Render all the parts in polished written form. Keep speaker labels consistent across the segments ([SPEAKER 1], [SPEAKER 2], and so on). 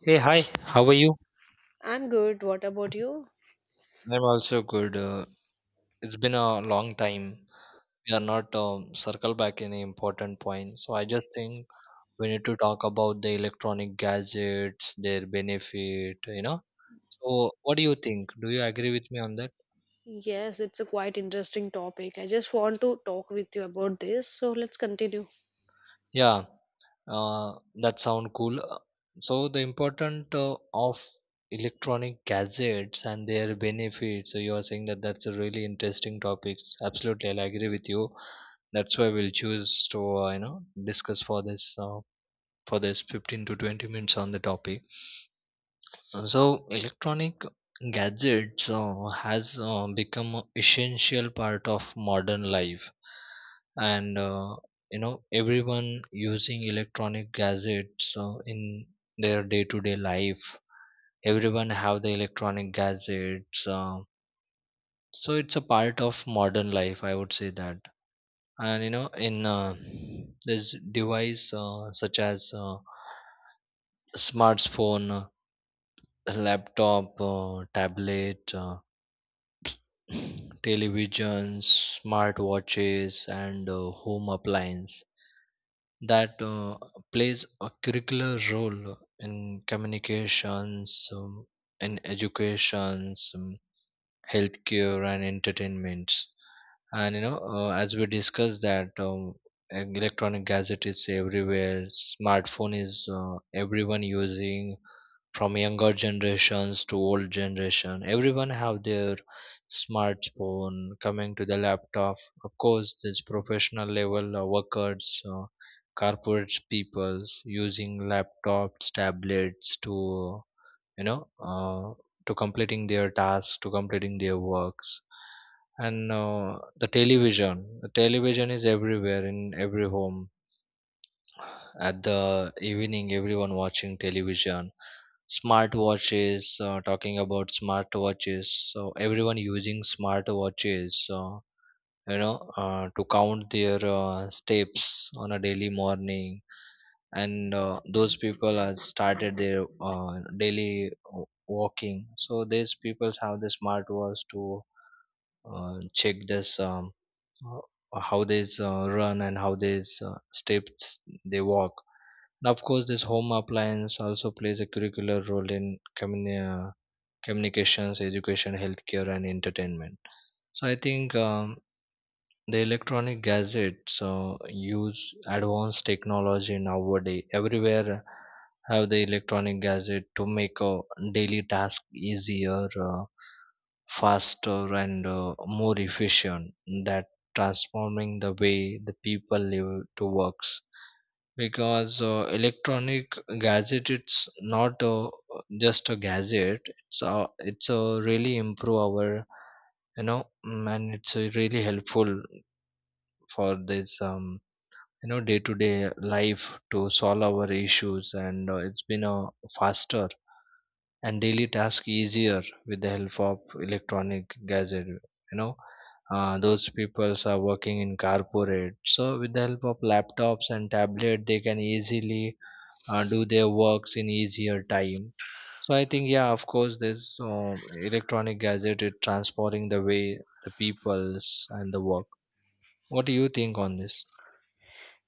[SPEAKER 1] Hey, hi, how are you?
[SPEAKER 2] I'm good. What about you?
[SPEAKER 1] I'm also good. It's been a long time. We are not circle back any important point. So I just think we need to talk about the electronic gadgets, their benefit. So what do you think? Do you agree with me on that?
[SPEAKER 2] Yes, it's a quite interesting topic. I just want to talk with you about this. So let's continue.
[SPEAKER 1] Yeah, that sound cool. So the important of electronic gadgets and their benefits. So you are saying that that's a really interesting topic. Absolutely, I agree with you, that's why we'll choose to discuss for this 15 to 20 minutes on the topic. So electronic gadgets has become a essential part of modern life, and you know everyone using electronic gadgets in their day to day life. Everyone have the electronic gadgets, so it's a part of modern life, I would say that. And in this device such as smartphone, laptop, tablet, televisions, smart watches, and home appliance that plays a curricular role in communications, in educations, healthcare, and entertainment. And as we discussed that, electronic gadget is everywhere. Smartphone is, everyone using, from younger generations to old generation everyone have their smartphone. Coming to the laptop, of course this professional level workers, corporate peoples using laptops, tablets to you know uh, to completing their tasks, to completing their works. And the television is everywhere in every home. At the evening everyone watching television. Smart watches, talking about smart watches, so everyone using smart watches, to count their steps on a daily morning. And those people have started their daily walking, so these people have the smartwatch to check this, how they run and how they steps they walk. And of course this home appliance also plays a curricular role in uh, communications, education, healthcare, and entertainment. So I think the electronic gadgets use advanced technology nowadays. Everywhere have the electronic gadget to make a daily task easier, faster, and more efficient, that transforming the way the people live to works. Because electronic gadget it's not just a gadget, it's a really improve our, and it's really helpful for this, day to day life, to solve our issues, and it's been a faster and daily task easier with the help of electronic gadget. Those peoples are working in corporate, so with the help of laptops and tablet they can easily do their works in easier time. So I think, yeah, of course this electronic gadget is transforming the way the peoples and the work. What do you think on this?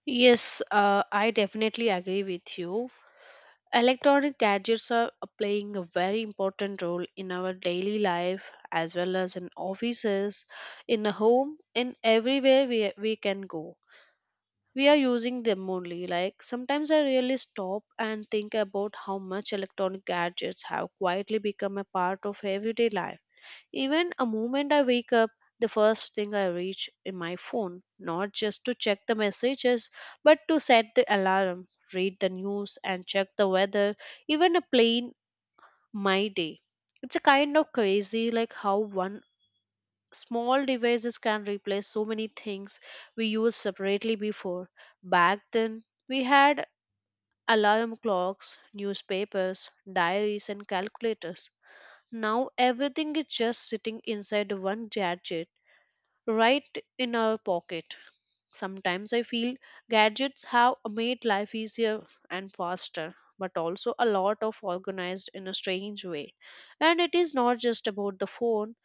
[SPEAKER 2] Yes, I definitely agree with you. Electronic gadgets are playing a very important role in our daily life as well as in offices, in the home, in everywhere we can go. We are using them only. Like sometimes I really stop and think about how much electronic gadgets have quietly become a part of everyday life. Even a moment I wake up, the first thing I reach in my phone, not just to check the messages, but to set the alarm, read the news, and check the weather, even a plain my day. It's a kind of crazy like how one small devices can replace so many things we used separately before. Back then, we had alarm clocks, newspapers, diaries, and calculators. Now everything is just sitting inside one gadget right in our pocket. Sometimes I feel gadgets have made life easier and faster, but also a lot of organized in a strange way. And it is not just about the phone,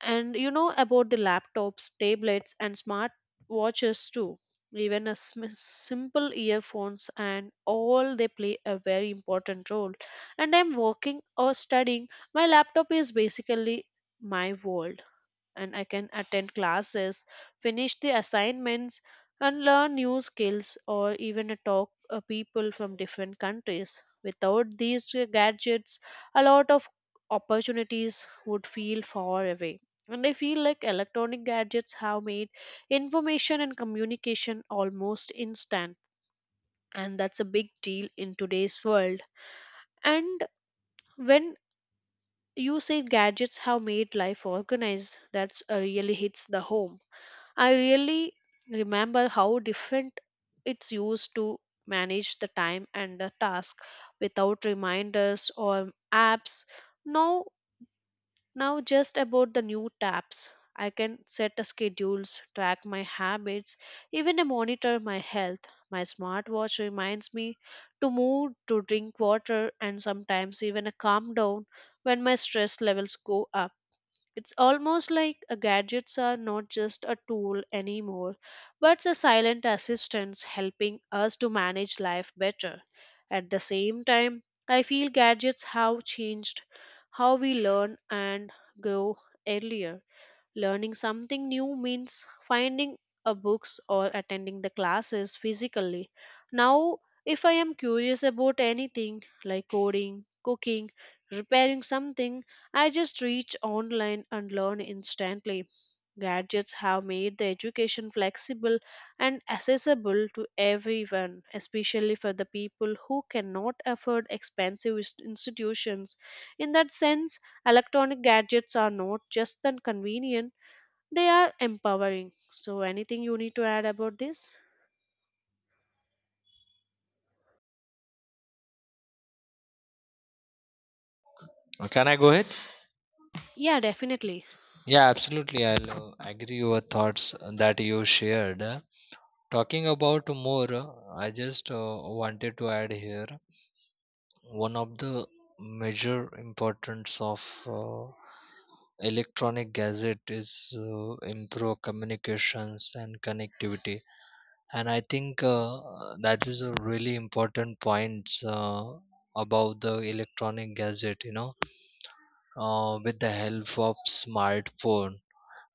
[SPEAKER 2] and you know about the laptops, tablets, and smart watches too. Even a simple earphones and all they play a very important role. And I'm working or studying. My laptop is basically my world and I can attend classes, finish the assignments, and learn new skills or even talk people from different countries. Without these gadgets, a lot of opportunities would feel far away. And I feel like electronic gadgets have made information and communication almost instant. And that's a big deal in today's world. And when you say gadgets have made life organized, that's really hits the home. I really remember how different it's used to manage the time and the task without reminders or apps. Now, now just about the new tabs. I can set the schedules, track my habits, even to monitor my health. My smartwatch reminds me to move, to drink water, and sometimes even a calm down when my stress levels go up. It's almost like gadgets are not just a tool anymore, but the silent assistants helping us to manage life better. At the same time, I feel gadgets have changed how we learn and grow earlier. Learning something new means finding a books or attending the classes physically. Now, if I am curious about anything like coding, cooking, repairing something, I just reach online and learn instantly. Gadgets have made the education flexible and accessible to everyone, especially for the people who cannot afford expensive institutions. In that sense, electronic gadgets are not just than convenient, they are empowering. So, anything you need to add about this?
[SPEAKER 1] Can I go ahead?
[SPEAKER 2] Yeah, definitely.
[SPEAKER 1] Yeah, absolutely. I'll agree your thoughts that you shared. Talking about more, I just wanted to add here one of the major importance of uh, electronic gadget is improve communications and connectivity. And I think that is a really important point about the electronic gadget. With the help of smartphone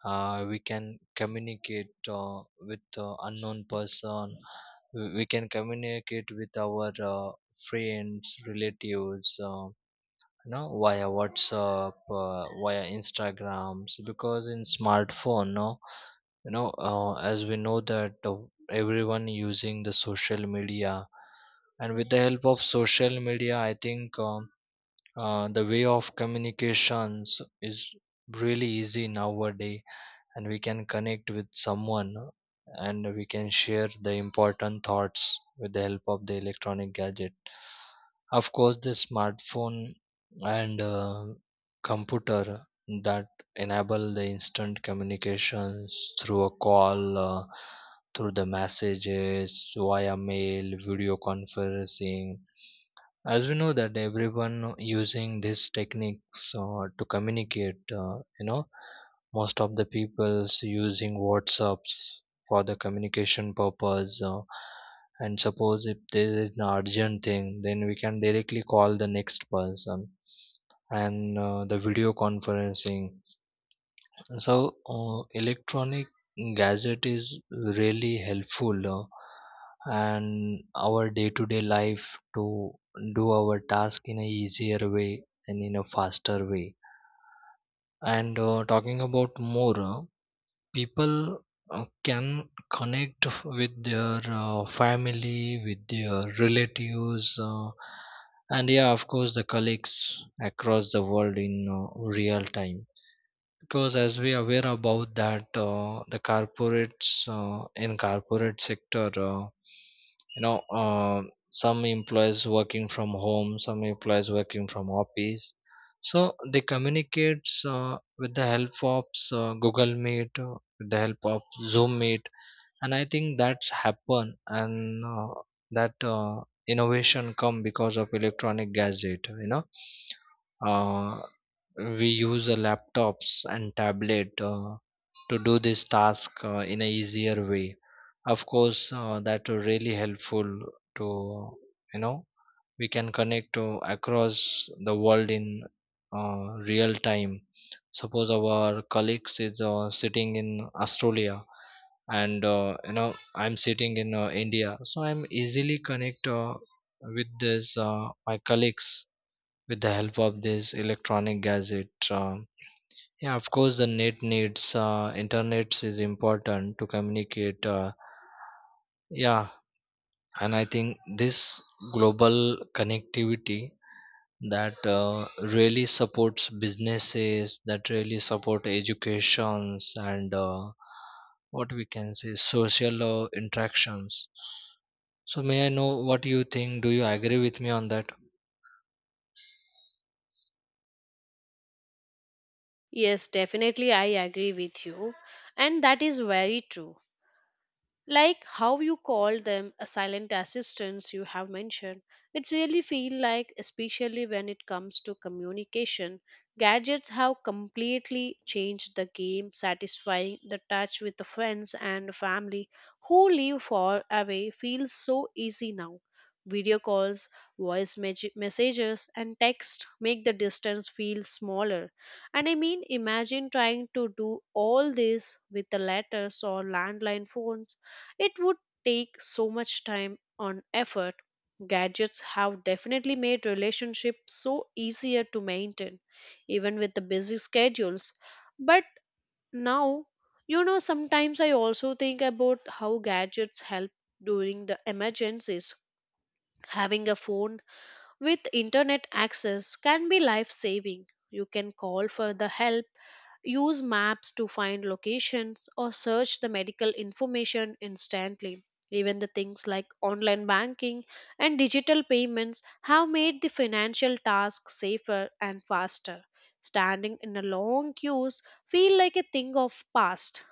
[SPEAKER 1] we can communicate with unknown person. We can communicate with our friends, relatives, via WhatsApp, via Instagrams, because in smartphone no, as we know that, everyone using the social media. And with the help of social media I think, the way of communications is really easy nowadays, and we can connect with someone, and we can share the important thoughts with the help of the electronic gadget, of course the smartphone and computer, that enable the instant communications through a call, through the messages, via mail, video conferencing. As we know that everyone using these techniques to communicate, most of the people's using WhatsApps for the communication purpose. And suppose if there is an urgent thing then we can directly call the next person, and the video conferencing. So, electronic gadget is really helpful and our day-to-day life to do our task in a easier way and in a faster way. And talking about more, people can connect with their family, with their relatives, and yeah, of course, the colleagues across the world in real time. Because as we are aware about that, the corporates, in corporate sector, you know uh, some employees working from home, some employees working from office, so they communicates with the help of Google Meet, with the help of Zoom Meet. And I think that's happen, and that innovation come because of electronic gadget. uh, we use laptops and tablet to do this task in a easier way. Of course that are really helpful to, you know we can connect to across the world in real time. Suppose our colleagues is sitting in Australia, and I'm sitting in India, so I'm easily connect with this, my colleagues with the help of this electronic gadget. Uh, yeah, of course, the net needs, internet is important to communicate. Yeah, and I think this global connectivity that really supports businesses, that really support educations and, what we can say, social interactions. So may I know what you think? Do you agree with me on that?
[SPEAKER 2] Yes, definitely. I agree with you. And that is very true. Like how you call them a silent assistants you have mentioned, it's really feel like especially when it comes to communication gadgets have completely changed the game satisfying the touch with the friends and family who live far away feels so easy now. Video calls, voice messages and text make the distance feel smaller, and I mean imagine trying to do all this with the letters or landline phones, it would take so much time and effort. Gadgets have definitely made relationships so easier to maintain, even with the busy schedules. But now, you know, sometimes I also think about how gadgets help during the emergencies. Having a phone with internet access can be life saving. You can call for the help, use maps to find locations, or search the medical information instantly. Even the things like online banking and digital payments have made the financial task safer and faster. Standing in a long queues feel like a thing of past.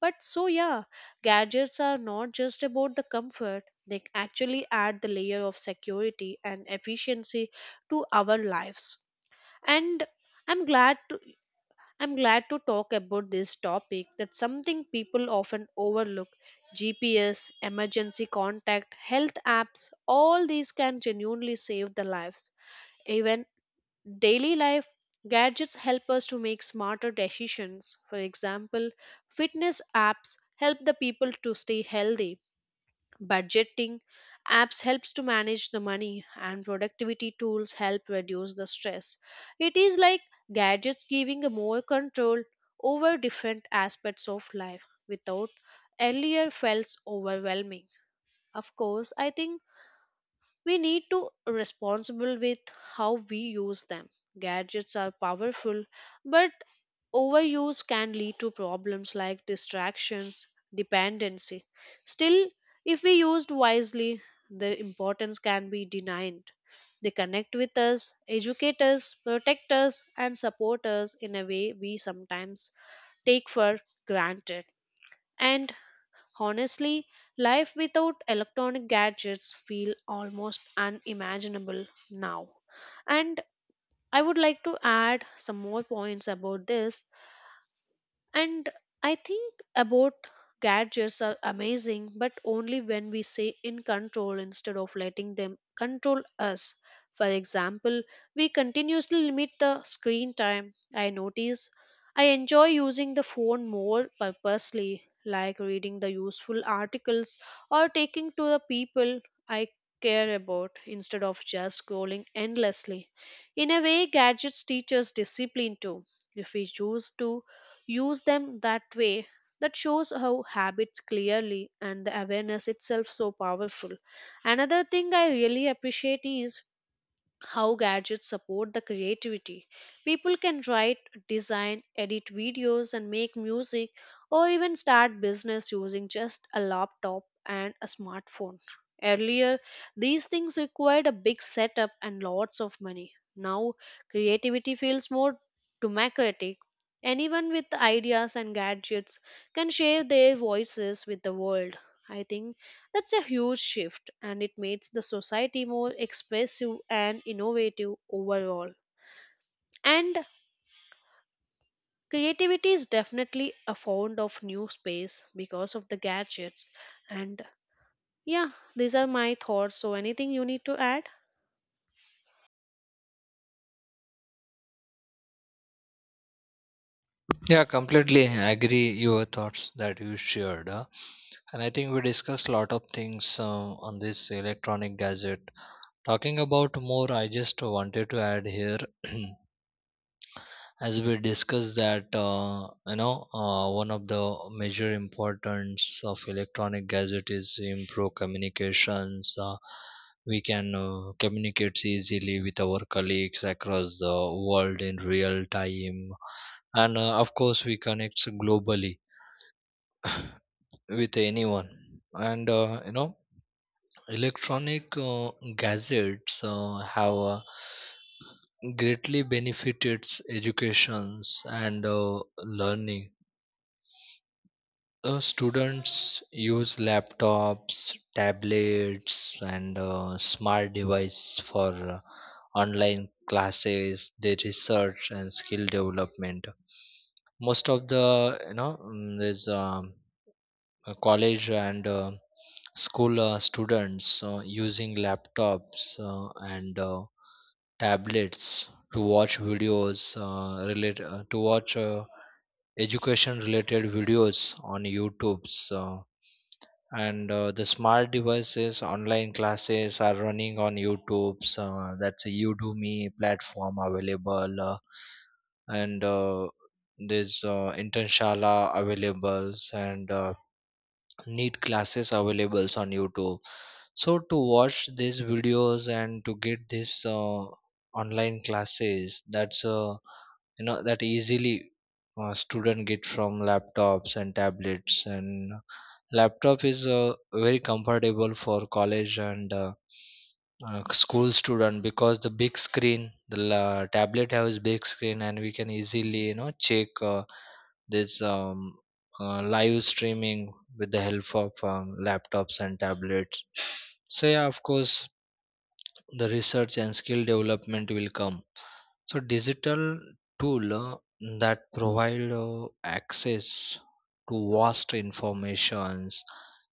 [SPEAKER 2] But so yeah, gadgets are not just about the comfort. They actually add the layer of security and efficiency to our lives. And I'm glad to I'm glad to talk about this topic that's something people often overlook. GPS, emergency contact, health apps, all these can genuinely save the lives. Even daily life gadgets help us to make smarter decisions. For example, fitness apps help the people to stay healthy, budgeting apps helps to manage the money and productivity tools help reduce the stress. It is like gadgets giving a more control over different aspects of life without earlier felt overwhelming. Of course I think we need to responsible with how we use them. Gadgets are powerful, but overuse can lead to problems like distractions, dependency. Still, if we used wisely, the importance can be denied. They connect with us, educate us, protect us, and support us in a way we sometimes take for granted. And honestly, life without electronic gadgets feel almost unimaginable now. And I would like to add some more points about this and I think about gadgets are amazing, but only when we say in control instead of letting them control us. For example, we continuously limit the screen time. I notice I enjoy using the phone more purposely, like reading the useful articles or taking to the people I care about instead of just scrolling endlessly. In a way, gadgets teach us discipline too. If we choose to use them that way, that shows how habits clearly and the awareness itself so powerful. Another thing I really appreciate is how gadgets support the creativity. People can write, design, edit videos, and make music, or even start business using just a laptop and a smartphone. Earlier, these things required a big setup and lots of money. Now, creativity feels more democratic. Anyone with ideas and gadgets can share their voices with the world. I think that's a huge shift and it makes the society more expressive and innovative overall. And creativity is definitely a fond of new space because of the gadgets. And yeah, these are my thoughts. So anything you need to add?
[SPEAKER 1] Yeah, completely agree your thoughts that you shared. And I think we discussed a lot of things on this electronic gadget. Talking about more, I just wanted to add here as we discussed that, one of the major importance of electronic gadget is to improve communications. We can communicate easily with our colleagues across the world in real time, and of course we connect globally with anyone. And electronic gadgets have greatly benefited educations and learning. Students use laptops, tablets, and smart devices for online classes, their research, and skill development. Most of the, there's, college and school students using laptops and tablets to watch videos, relate to watch education related videos on YouTube's. And the smart devices online classes are running on YouTube's, that's a Udemy platform available, and there's Internshala availables, and neat classes availables on YouTube. So to watch these videos and to get this online classes, that's, that easily student get from laptops and tablets, and laptop is very comfortable for college and school student, because the big screen, the tablet has big screen, and we can easily, check this, live streaming with the help of laptops and tablets. So yeah, of course the research and skill development will come. So digital tool that provide access to vast informations,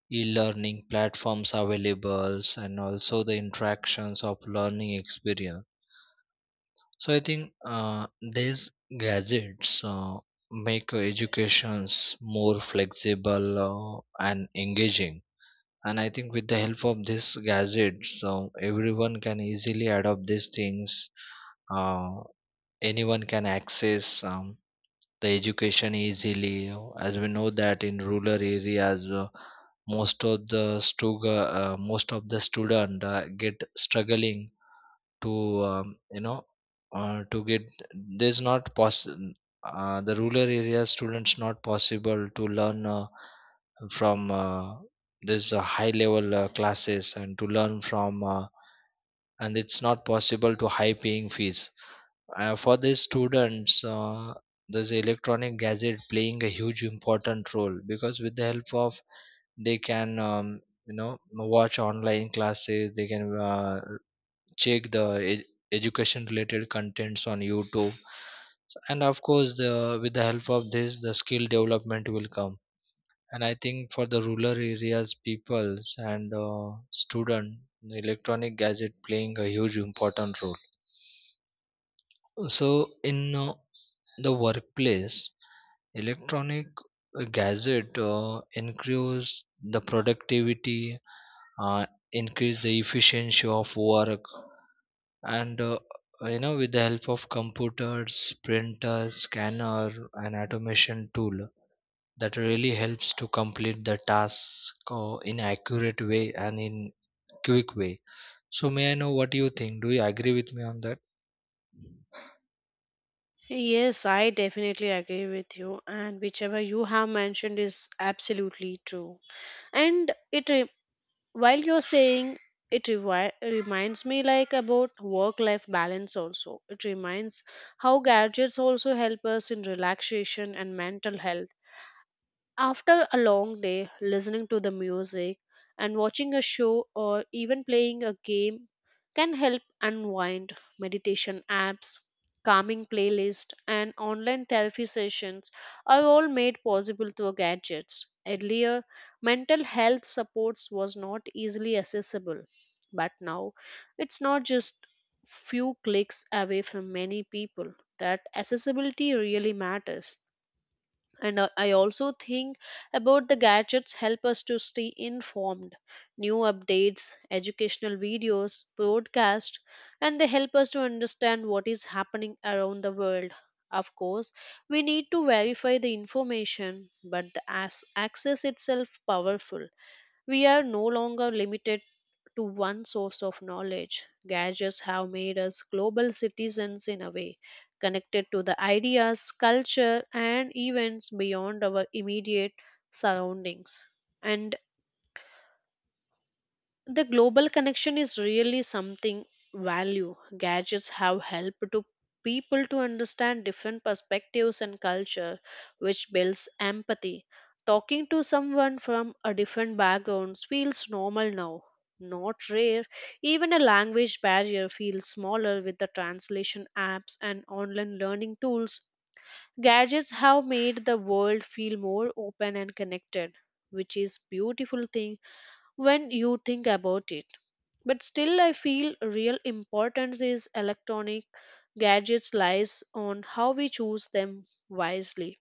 [SPEAKER 1] e-learning platforms available, and also the interactions of learning experience. So I think these gadgets make educations more flexible and engaging. And I think with the help of these gadgets, so everyone can easily adopt these things uh, Anyone can access, the education easily. As we know that in rural areas most of the student get struggling to, um, you know to get, there's not possible, the rural area students not possible to learn from this high level classes and to learn from and it's not possible to high paying fees for the students, this electronic gadget playing a huge important role, because with the help of, they can, watch online classes, they can check the ed- education related contents on YouTube. And of course the with the help of this, the skill development will come. And I think for the rural areas, peoples and student, the electronic gadget playing a huge important role. So in the workplace, electronic gadget increase the productivity, increase the efficiency of work, and with the help of computers, printers, scanner, and automation tool that really helps to complete the task in accurate way and in quick way. So may I know what you think? Do you agree with me on that?
[SPEAKER 2] Yes, I definitely agree with you, and whichever you have mentioned is absolutely true. And while you're saying it reminds me like about work life balance also. It reminds how gadgets also help us in relaxation and mental health after a long day, listening to the music and watching a show or even playing a game can help unwind. Meditation apps, calming playlists, and online therapy sessions are all made possible through gadgets. Earlier, mental health supports was not easily accessible, but now it's not just few clicks away from many people. That accessibility really matters, and I also think about the gadgets help us to stay informed new updates, educational videos broadcast, and they help us to understand what is happening around the world. Of course we need to verify the information, but the access itself powerful. We are no longer limited to one source of knowledge. Gadgets have made us global citizens in a way, connected to the ideas, culture, and events beyond our immediate surroundings. And the global connection is really something value gadgets have helped to people to understand different perspectives and culture, which builds empathy. Talking to someone from a different background feels normal now, not rare. Even a language barrier feels smaller with the translation apps and online learning tools. Gadgets have made the world feel more open and connected, which is beautiful thing when you think about it. But still, I feel real importance is electronic gadgets lies on how we choose them wisely.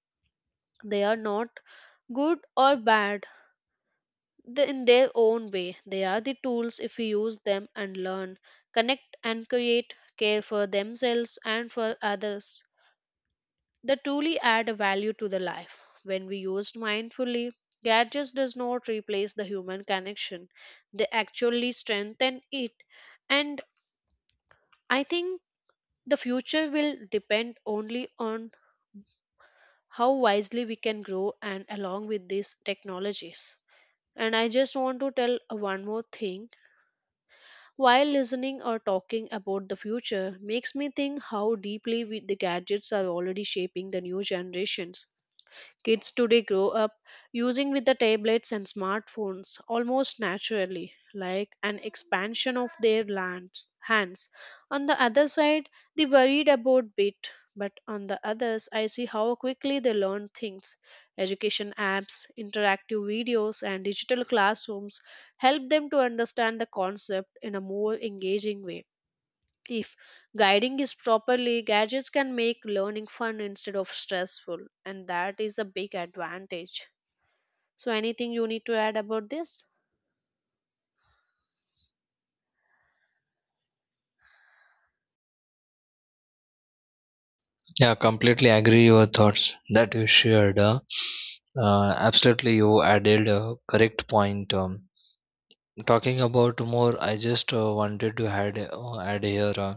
[SPEAKER 2] They are not good or bad in their own way. They are the tools if we use them and learn, connect and create, care for themselves and for others. They truly add a value to the life. When we used mindfully, gadgets does not replace the human connection. They actually strengthen it. And I think the future will depend only on how wisely we can grow and along with these technologies. And I just want to tell one more thing. While listening or talking about the future makes me think how deeply we, the gadgets are already shaping the new generations. Kids today grow up using with the tablets and smartphones almost naturally, like an expansion of their lands, hands. On the other side, they worried about bit, but on the others, I see how quickly they learn things. Education apps, interactive videos, and digital classrooms help them to understand the concept in a more engaging way. If guiding is properly, gadgets can make learning fun instead of stressful, and that is a big advantage. So, anything you need to add about this?
[SPEAKER 1] Yeah, completely agree your thoughts that you shared. Absolutely, you added a correct point. Talking about more, I just wanted to add here,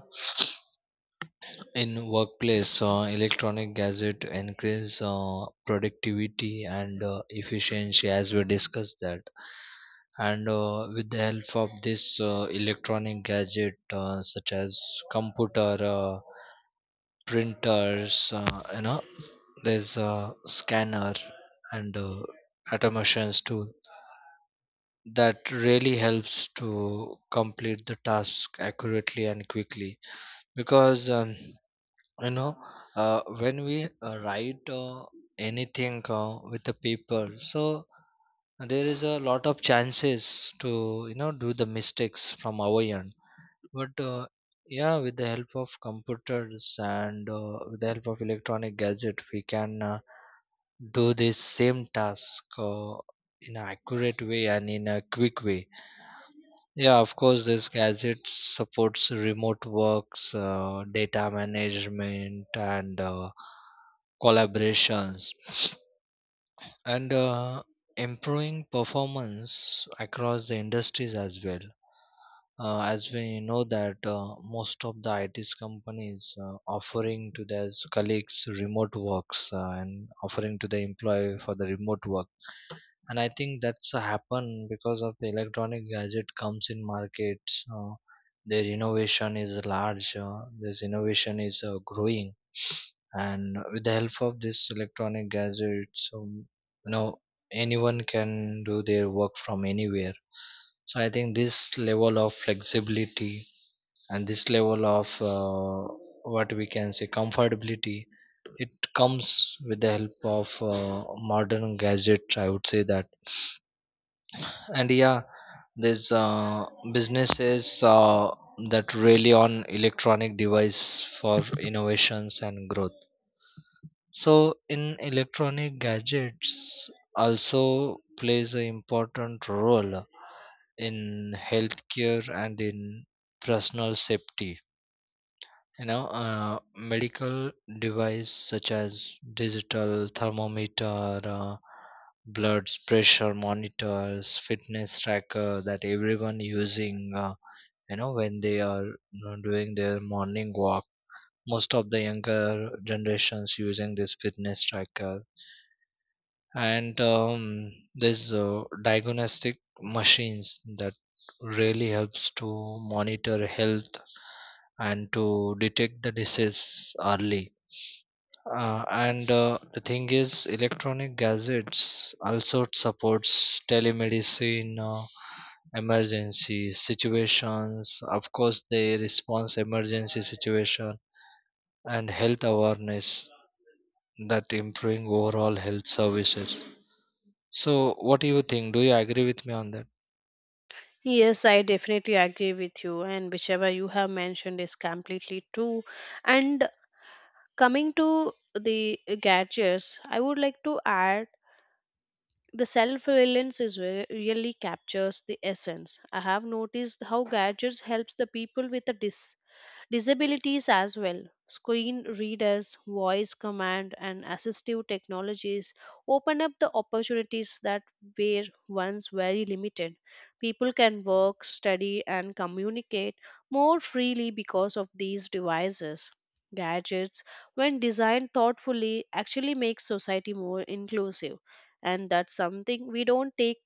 [SPEAKER 1] in workplace, electronic gadget increase productivity and efficiency as we discussed that. And with the help of this electronic gadget, such as computer, printers, there's a scanner and automations tool that really helps to complete the task accurately and quickly, because you know when we write anything with the paper, so there is a lot of chances to, do the mistakes from our end, but yeah, with the help of computers and with the help of electronic gadget, we can do this same task in an accurate way and in a quick way. Yeah, of course, this gadget supports remote works, data management, and collaborations, and improving performance across the industries as well. As we know that most of the IT companies offering to their colleagues remote works, and offering to the employee for the remote work, and I think that's happen because of the electronic gadget comes in markets. Their innovation is large, this innovation is growing, and with the help of this electronic gadgets, you know anyone can do their work from anywhere. So I think this level of flexibility and this level of, uh, what we can say, comfortability, it comes with the help of uh, modern gadgets, I would say that. And yeah, there's businesses that rely on electronic device for innovations and growth. So in, electronic gadgets also plays an important role in healthcare and in personal safety. Medical device such as digital thermometer, blood pressure monitors, fitness tracker that everyone using when they are, doing their morning walk. Most of the younger generations using this fitness tracker, and this diagnostic machines that really helps to monitor health and to detect the disease early. And the thing is, electronic gadgets also supports telemedicine, emergency situations. Of course, they response emergency situation and health awareness that improving overall health services. So, what do you think? Do you agree with me on that?
[SPEAKER 2] Yes, I definitely agree with you, and whichever you have mentioned is completely true. And coming to the gadgets, I would like to add the self reliance is where really captures the essence. I have noticed how gadgets helps the people with the disabilities as well. Screen readers, voice command, and assistive technologies open up the opportunities that were once very limited. People can work, study, and communicate more freely because of these devices. Gadgets, when designed thoughtfully, actually make society more inclusive, and that's something we don't take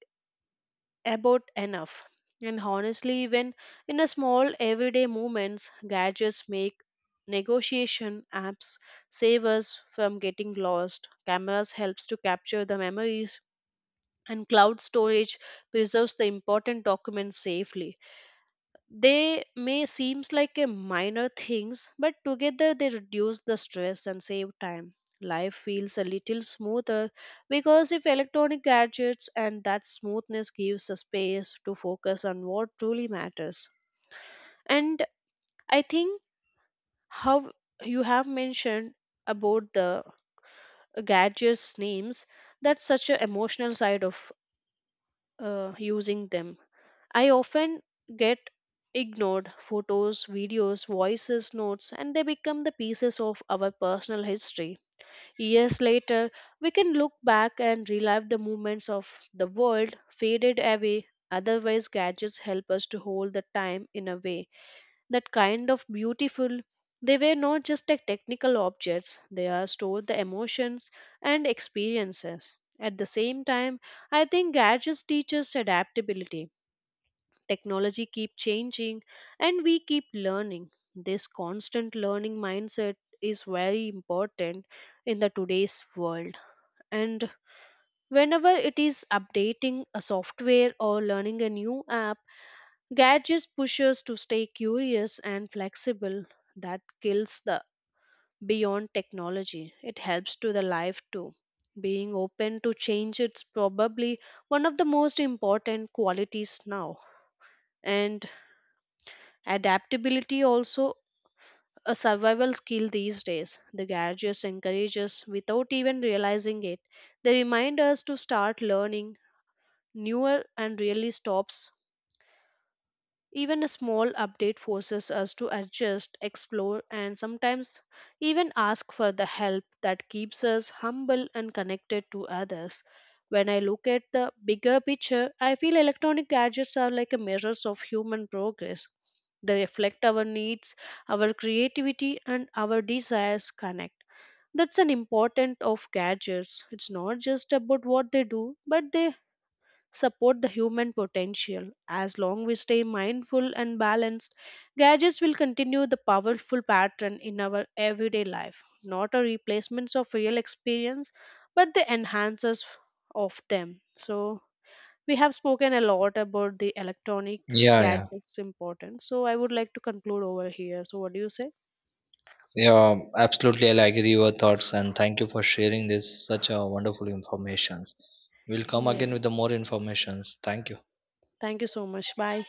[SPEAKER 2] about enough. And honestly, even in a small everyday movements gadgets make negotiation apps save us from getting lost, cameras helps to capture the memories, and cloud storage preserves the important documents safely. They may seems like a minor things but together they reduce the stress and save time. Life feels a little smoother because if electronic gadgets, and that smoothness gives a space to focus on what truly matters. And I think how you have mentioned about the gadgets names, that's such an emotional side of using them. I often get ignored photos, videos, voices, notes, and they become the pieces of our personal history. Years later, we can look back and relive the moments of the world faded away. Otherwise, gadgets help us to hold the time in a way that kind of beautiful. They were not just like technical objects, they are stored the emotions and experiences. At the same time, I think gadgets teach us adaptability. Technology keep changing and we keep learning. This constant learning mindset is very important in the today's world. And whenever it is updating a software or learning a new app, gadgets push us to stay curious and flexible. That kills the beyond technology, it helps to the life too. Being open to change it's probably one of the most important qualities now. And adaptability also a survival skill these days. The gadgets encourage us without even realizing it. They remind us to start learning newer and really stops. Even a small update forces us to adjust, explore, and sometimes even ask for the help that keeps us humble and connected to others. When I look at the bigger picture, I feel electronic gadgets are like a mirrors of human progress. They reflect our needs, our creativity, and our desires connect. That's an important of gadgets. It's not just about what they do, but they support the human potential. As long we stay mindful and balanced, gadgets will continue the powerful pattern in our everyday life, not a replacements of real experience, but the enhancers of them. So we have spoken a lot about the electronic
[SPEAKER 1] Yeah, yeah,
[SPEAKER 2] gadgets importance. So I would like to conclude over here. So what do you say?
[SPEAKER 1] yeah. Absolutely, I'll agree your thoughts and thank you for sharing this such a wonderful informations. We'll come again
[SPEAKER 2] Yes.
[SPEAKER 1] with the more informations. Thank you.
[SPEAKER 2] Thank you so much. Bye.